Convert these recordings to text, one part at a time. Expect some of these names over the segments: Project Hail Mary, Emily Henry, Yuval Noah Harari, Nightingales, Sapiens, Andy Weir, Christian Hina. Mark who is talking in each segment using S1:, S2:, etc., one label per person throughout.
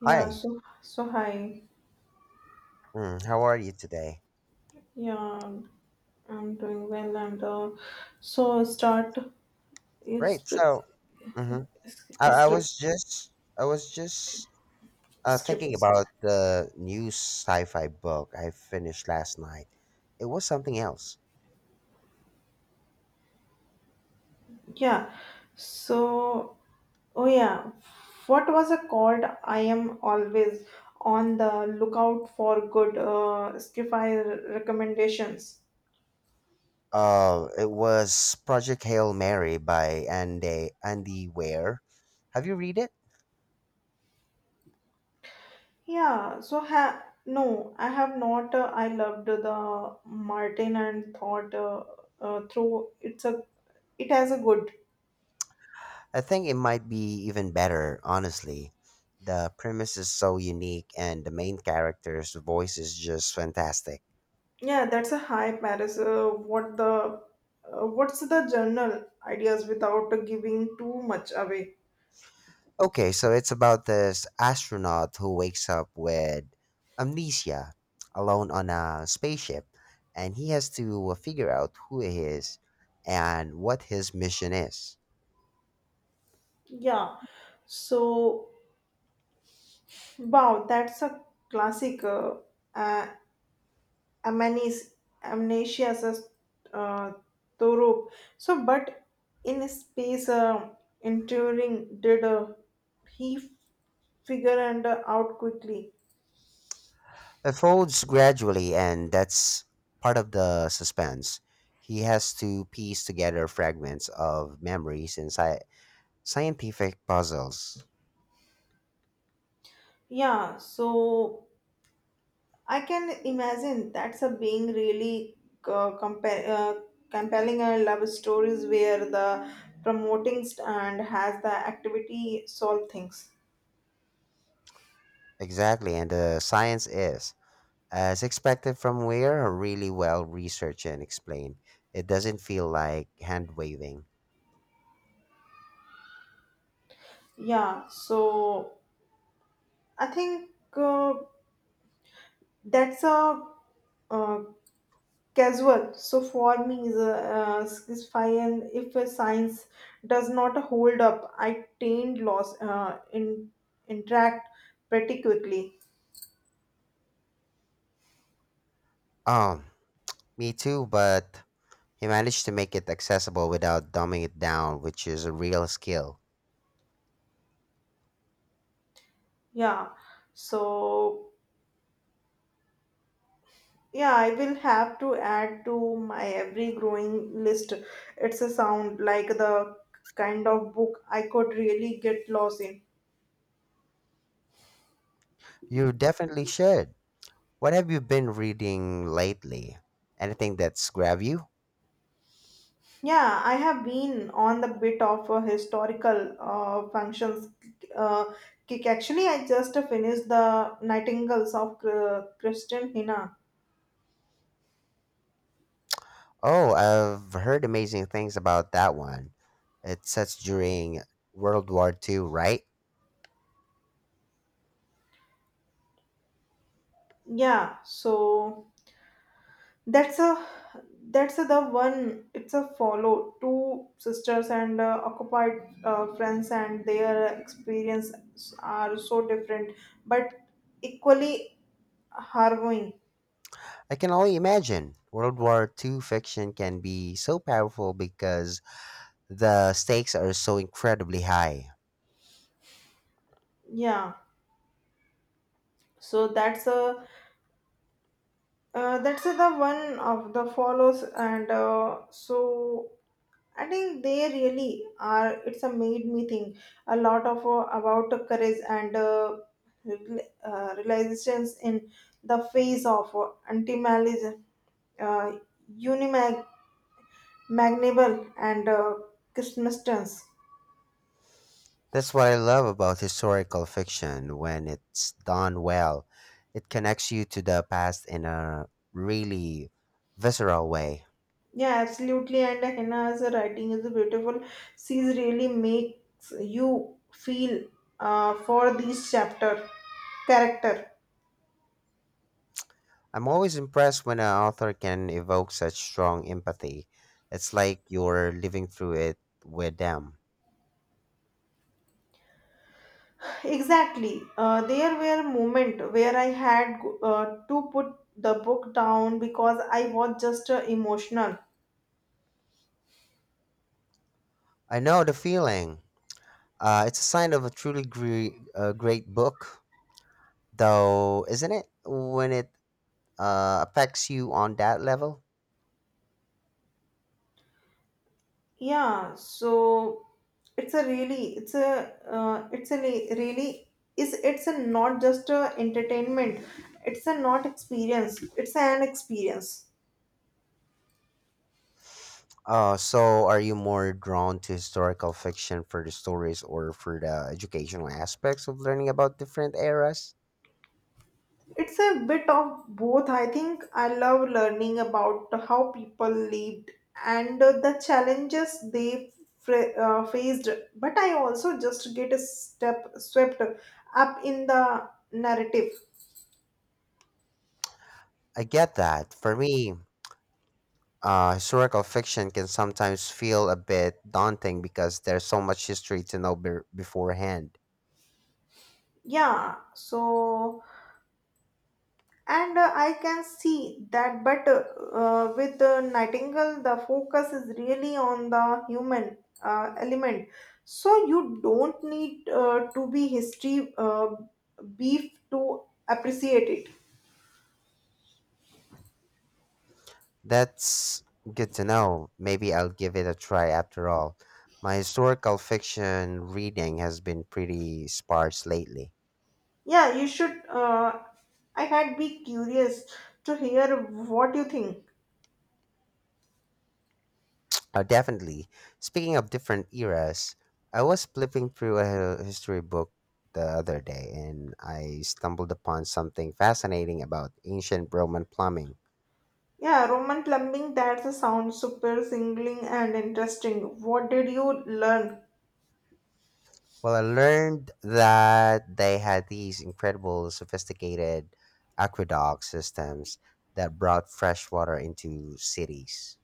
S1: Yeah,
S2: Hi.
S1: so so hi.
S2: Mm, how are you today?
S1: Yeah, I'm doing well and so start is
S2: Great.
S1: script
S2: So, hmm
S1: script
S2: I was
S1: script.
S2: just thinking
S1: Script.
S2: about the new sci-fi book I finished last night. It was something else.
S1: Yeah. So oh yeah, what was it called? I am always on the lookout for good sci recommendations.
S2: It was Project Hail Mary by Andy Weir. Have you read it?
S1: Yeah, so ha no, I have not. I loved the Martin and thought through it's a it has a good.
S2: I think it might be even better, honestly. The premise is so unique, and the main character's voice is just fantastic.
S1: Yeah, that's a high Paris. What's the general ideas without giving too much away?
S2: Okay, so it's about this astronaut who wakes up with amnesia alone on a spaceship and he has to figure out who he is and what his mission is.
S1: Yeah, so wow, that's a classic. Uh, Amanis, amnesia as a uh, Torup. So, but in space, enduring did he figure and out quickly?
S2: Unfolds gradually and that's part of the suspense. He has to piece together fragments of memories and scientific puzzles.
S1: Yeah, so I can imagine that's a being really uh, compa- uh, compelling love stories where the promoting st- and has the activity solve things.
S2: Exactly, and the science is, as expected from Weir, are really well researched and explained. It doesn't feel like hand waving.
S1: Yeah, so I think that's a uh, casual. So for me, is a is fine if a science does not hold up. I tend loss in interact pretty quickly.
S2: Oh, me too, but he managed to make it accessible without dumbing it down, which is a real skill.
S1: Yeah. So yeah, I will have to add to my every growing list. It's a sound like the kind of book I could really get lost in.
S2: You definitely should. What have you been reading lately? Anything that's grabbed you?
S1: Yeah, I have been on the bit of a historical functions uh, kick. Actually, I just finished the Nightingales of Christian Hina.
S2: Oh, I've heard amazing things about that one. It sets during World War Two, right?
S1: Yeah, so that's a the one. It's a follow two sisters and occupied friends, and their experiences are so different, but equally harrowing.
S2: I can only imagine. World War Two fiction can be so powerful because the stakes are so incredibly high.
S1: Yeah, so that's a that's the one of the follows and I think they really are. It's a made me think a lot of about the courage and realizations in the face of anti-malism, uh, unimaginable and Christmas.
S2: That's what I love about historical fiction. When it's done well, it connects you to the past in a really visceral way.
S1: Yeah, absolutely. And Henna's writing is beautiful. She's really makes you feel for this chapter character.
S2: I'm always impressed when an author can evoke such strong empathy. It's like you're living through it with them.
S1: Exactly. There were moments where I had to put the book down because I was just emotional.
S2: I know the feeling. It's a sign of a truly great book, though, isn't it? When it affects you on that level?
S1: Yeah, so it's a really, it's a li- really, is it's a not just a entertainment. It's a not experience. It's an experience.
S2: So are you more drawn to historical fiction for the stories or for the educational aspects of learning about different eras?
S1: It's a bit of both. I think I love learning about how people lived and the challenges they faced, but I also just get a step swept up in the narrative.
S2: I get that. For me, historical fiction can sometimes feel a bit daunting because there's so much history to know beforehand.
S1: Yeah, so And I can see that, but with Nightingale, the focus is really on the human element. So you don't need to be history beef to appreciate it.
S2: That's good to know. Maybe I'll give it a try after all. My historical fiction reading has been pretty sparse lately.
S1: Yeah, you should. I had be curious to hear what you think.
S2: Definitely. Speaking of different eras, I was flipping through a history book the other day and I stumbled upon something fascinating about ancient Roman plumbing.
S1: Yeah, Roman plumbing. That's a sound super singling and interesting. What did you learn?
S2: Well, I learned that they had these incredible, sophisticated aqueduct systems that brought fresh water into cities.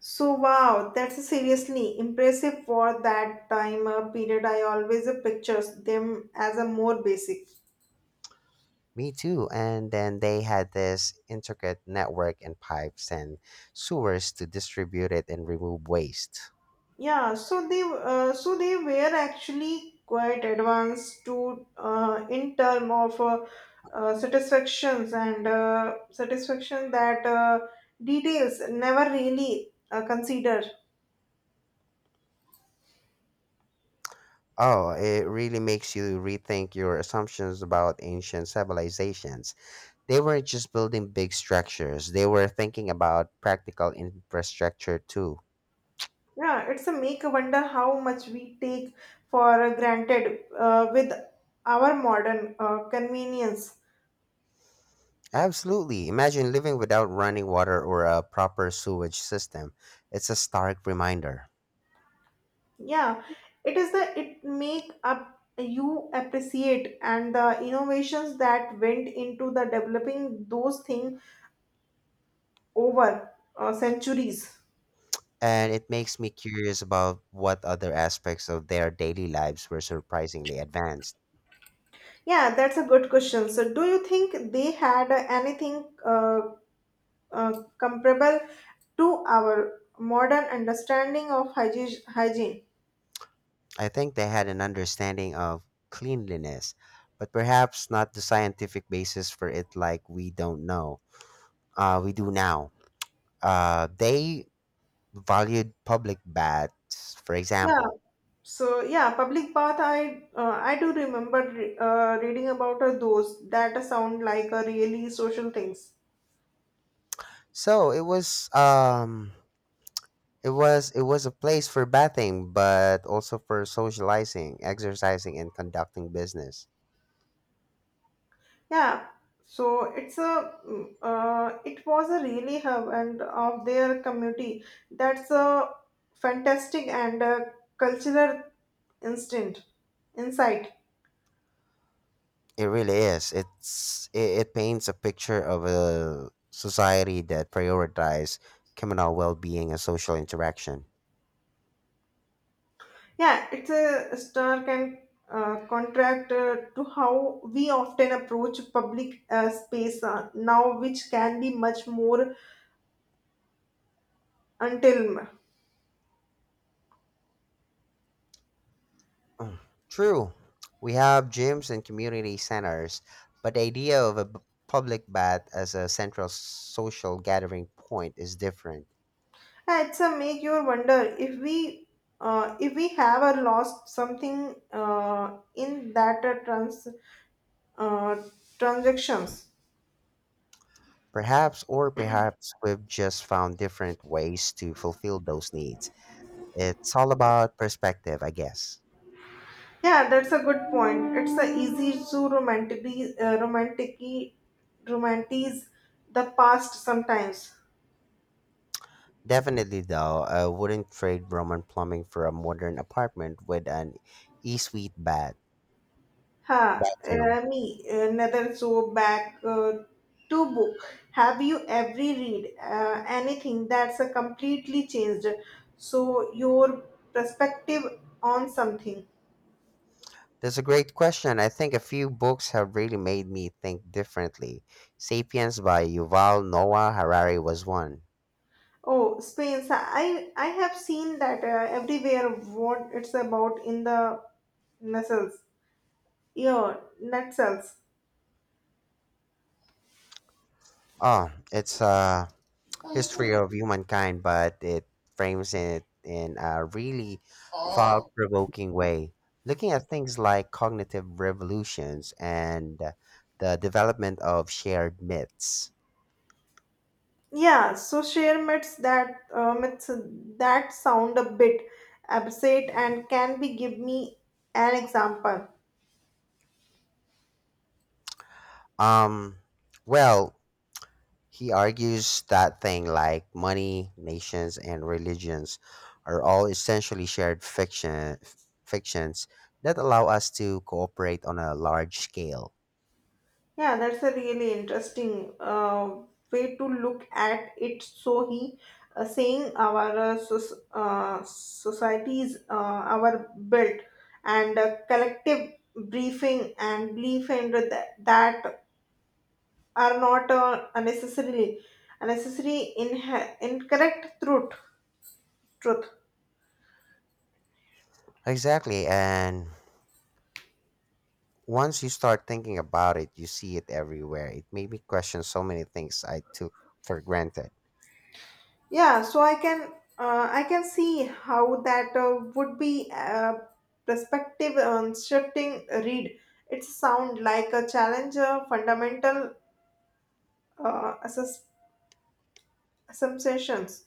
S1: So, wow, that's seriously impressive for that time period. I always pictures them as a more basic.
S2: Me too. And then they had this intricate network and pipes and sewers to distribute it and remove waste.
S1: So they were actually quite advanced to in term of satisfactions and satisfaction that details never really consider.
S2: Oh, it really makes you rethink your assumptions about ancient civilizations. They weren't just building big structures, they were thinking about practical infrastructure too.
S1: Yeah, it's a make wonder how much we take for granted with our modern convenience.
S2: Absolutely. Imagine living without running water or a proper sewage system. It's a stark reminder.
S1: Yeah, it is the it make up you appreciate and the innovations that went into the developing those things over centuries.
S2: And it makes me curious about what other aspects of their daily lives were surprisingly advanced.
S1: Yeah, that's a good question. So do you think they had anything comparable to our modern understanding of hygiene?
S2: I think they had an understanding of cleanliness, but perhaps not the scientific basis for it like we don't know. We do now. They valued public baths, for
S1: Yeah,
S2: example.
S1: so yeah, public bath, I do remember reading about those. That sound like a really social things.
S2: So it was um it was a place for bathing, but also for socializing, exercising, and conducting business.
S1: Yeah, it's a it was a really hub and of their community. That's a fantastic and a cultural instinct insight.
S2: It really is. It paints a picture of a society that prioritizes communal well-being and social interaction.
S1: Yeah, it's a stark and contract to how we often approach public space now, which can be much more until.
S2: True, we have gyms and community centers, but the idea of a public bath as a central social gathering point is different.
S1: Yeah, it's a make you wonder if we have lost something in that uh, transactions.
S2: Perhaps, or perhaps we've just found different ways to fulfill those needs. It's all about perspective, I guess.
S1: Yeah, that's a good point. It's a easy to romantically romantically romanticize the past sometimes.
S2: Definitely, though, I wouldn't trade Roman plumbing for a modern apartment with an e suite
S1: Ha!
S2: bathroom.
S1: Me another, so back to book, have you every read anything that's a completely changed your perspective on something?
S2: That's a great question. I think a few books have really made me think differently. Sapiens by Yuval Noah Harari was one.
S1: Oh, Spain. So I have seen that everywhere. What it's about in the missiles. Yeah, net cells.
S2: Oh, it's a history of humankind, but it frames it in a really thought provoking way, looking at things like cognitive revolutions and the development of shared myths.
S1: Yeah, so share myths that sound a bit absurd and can be, give me an example?
S2: Um, well, he argues that things like money, nations, and religions are all essentially fictions that allow us to cooperate on a large scale.
S1: Yeah, that's a really interesting way to look at it. So he saying our societies our built and collective briefing and belief in that are not unnecessarily unnecessary incorrect truth.
S2: Exactly. And once you start thinking about it, you see it everywhere. It made me question so many things I took for granted.
S1: Yeah, so I can see how that would be perspective on shifting read. It sound like a challenge fundamental uh, assess- assumptions.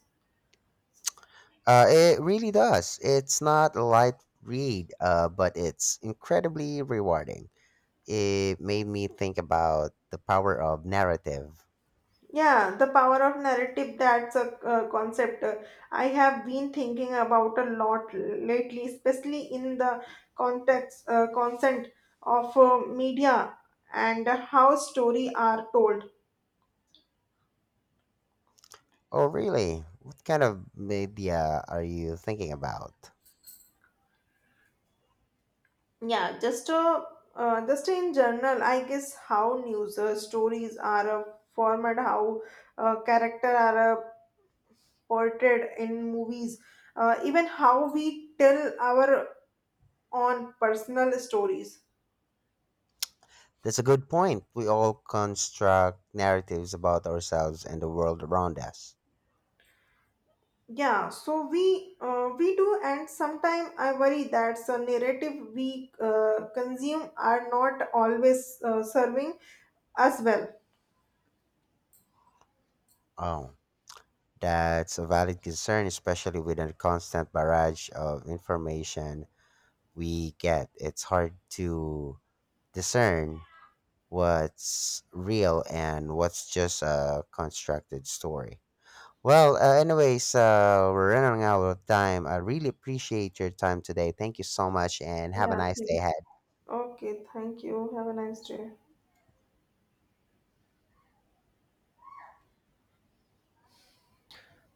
S2: It really does. It's not a light read, but it's incredibly rewarding. It made me think about the power of narrative.
S1: Yeah, the power of narrative, that's a concept I have been thinking about a lot lately, especially in the consent of media and how story are told.
S2: Oh, really? What kind of media are you thinking about?
S1: Yeah, just in general, I guess how news stories are formed, how character are portrayed in movies, even how we tell our own personal stories.
S2: That's a good point. We all construct narratives about ourselves and the world around us.
S1: Yeah, so we do, and sometimes I worry that the narrative we consume are not always serving us well.
S2: Oh, that's a valid concern, especially with the constant barrage of information we get. It's hard to discern what's real and what's just a constructed story. Well, anyways, we're running out of time. I really appreciate your time today. Thank you so much, and have a
S1: Yeah,
S2: nice day
S1: thank you.
S2: ahead.
S1: Okay, thank you. Have a nice day.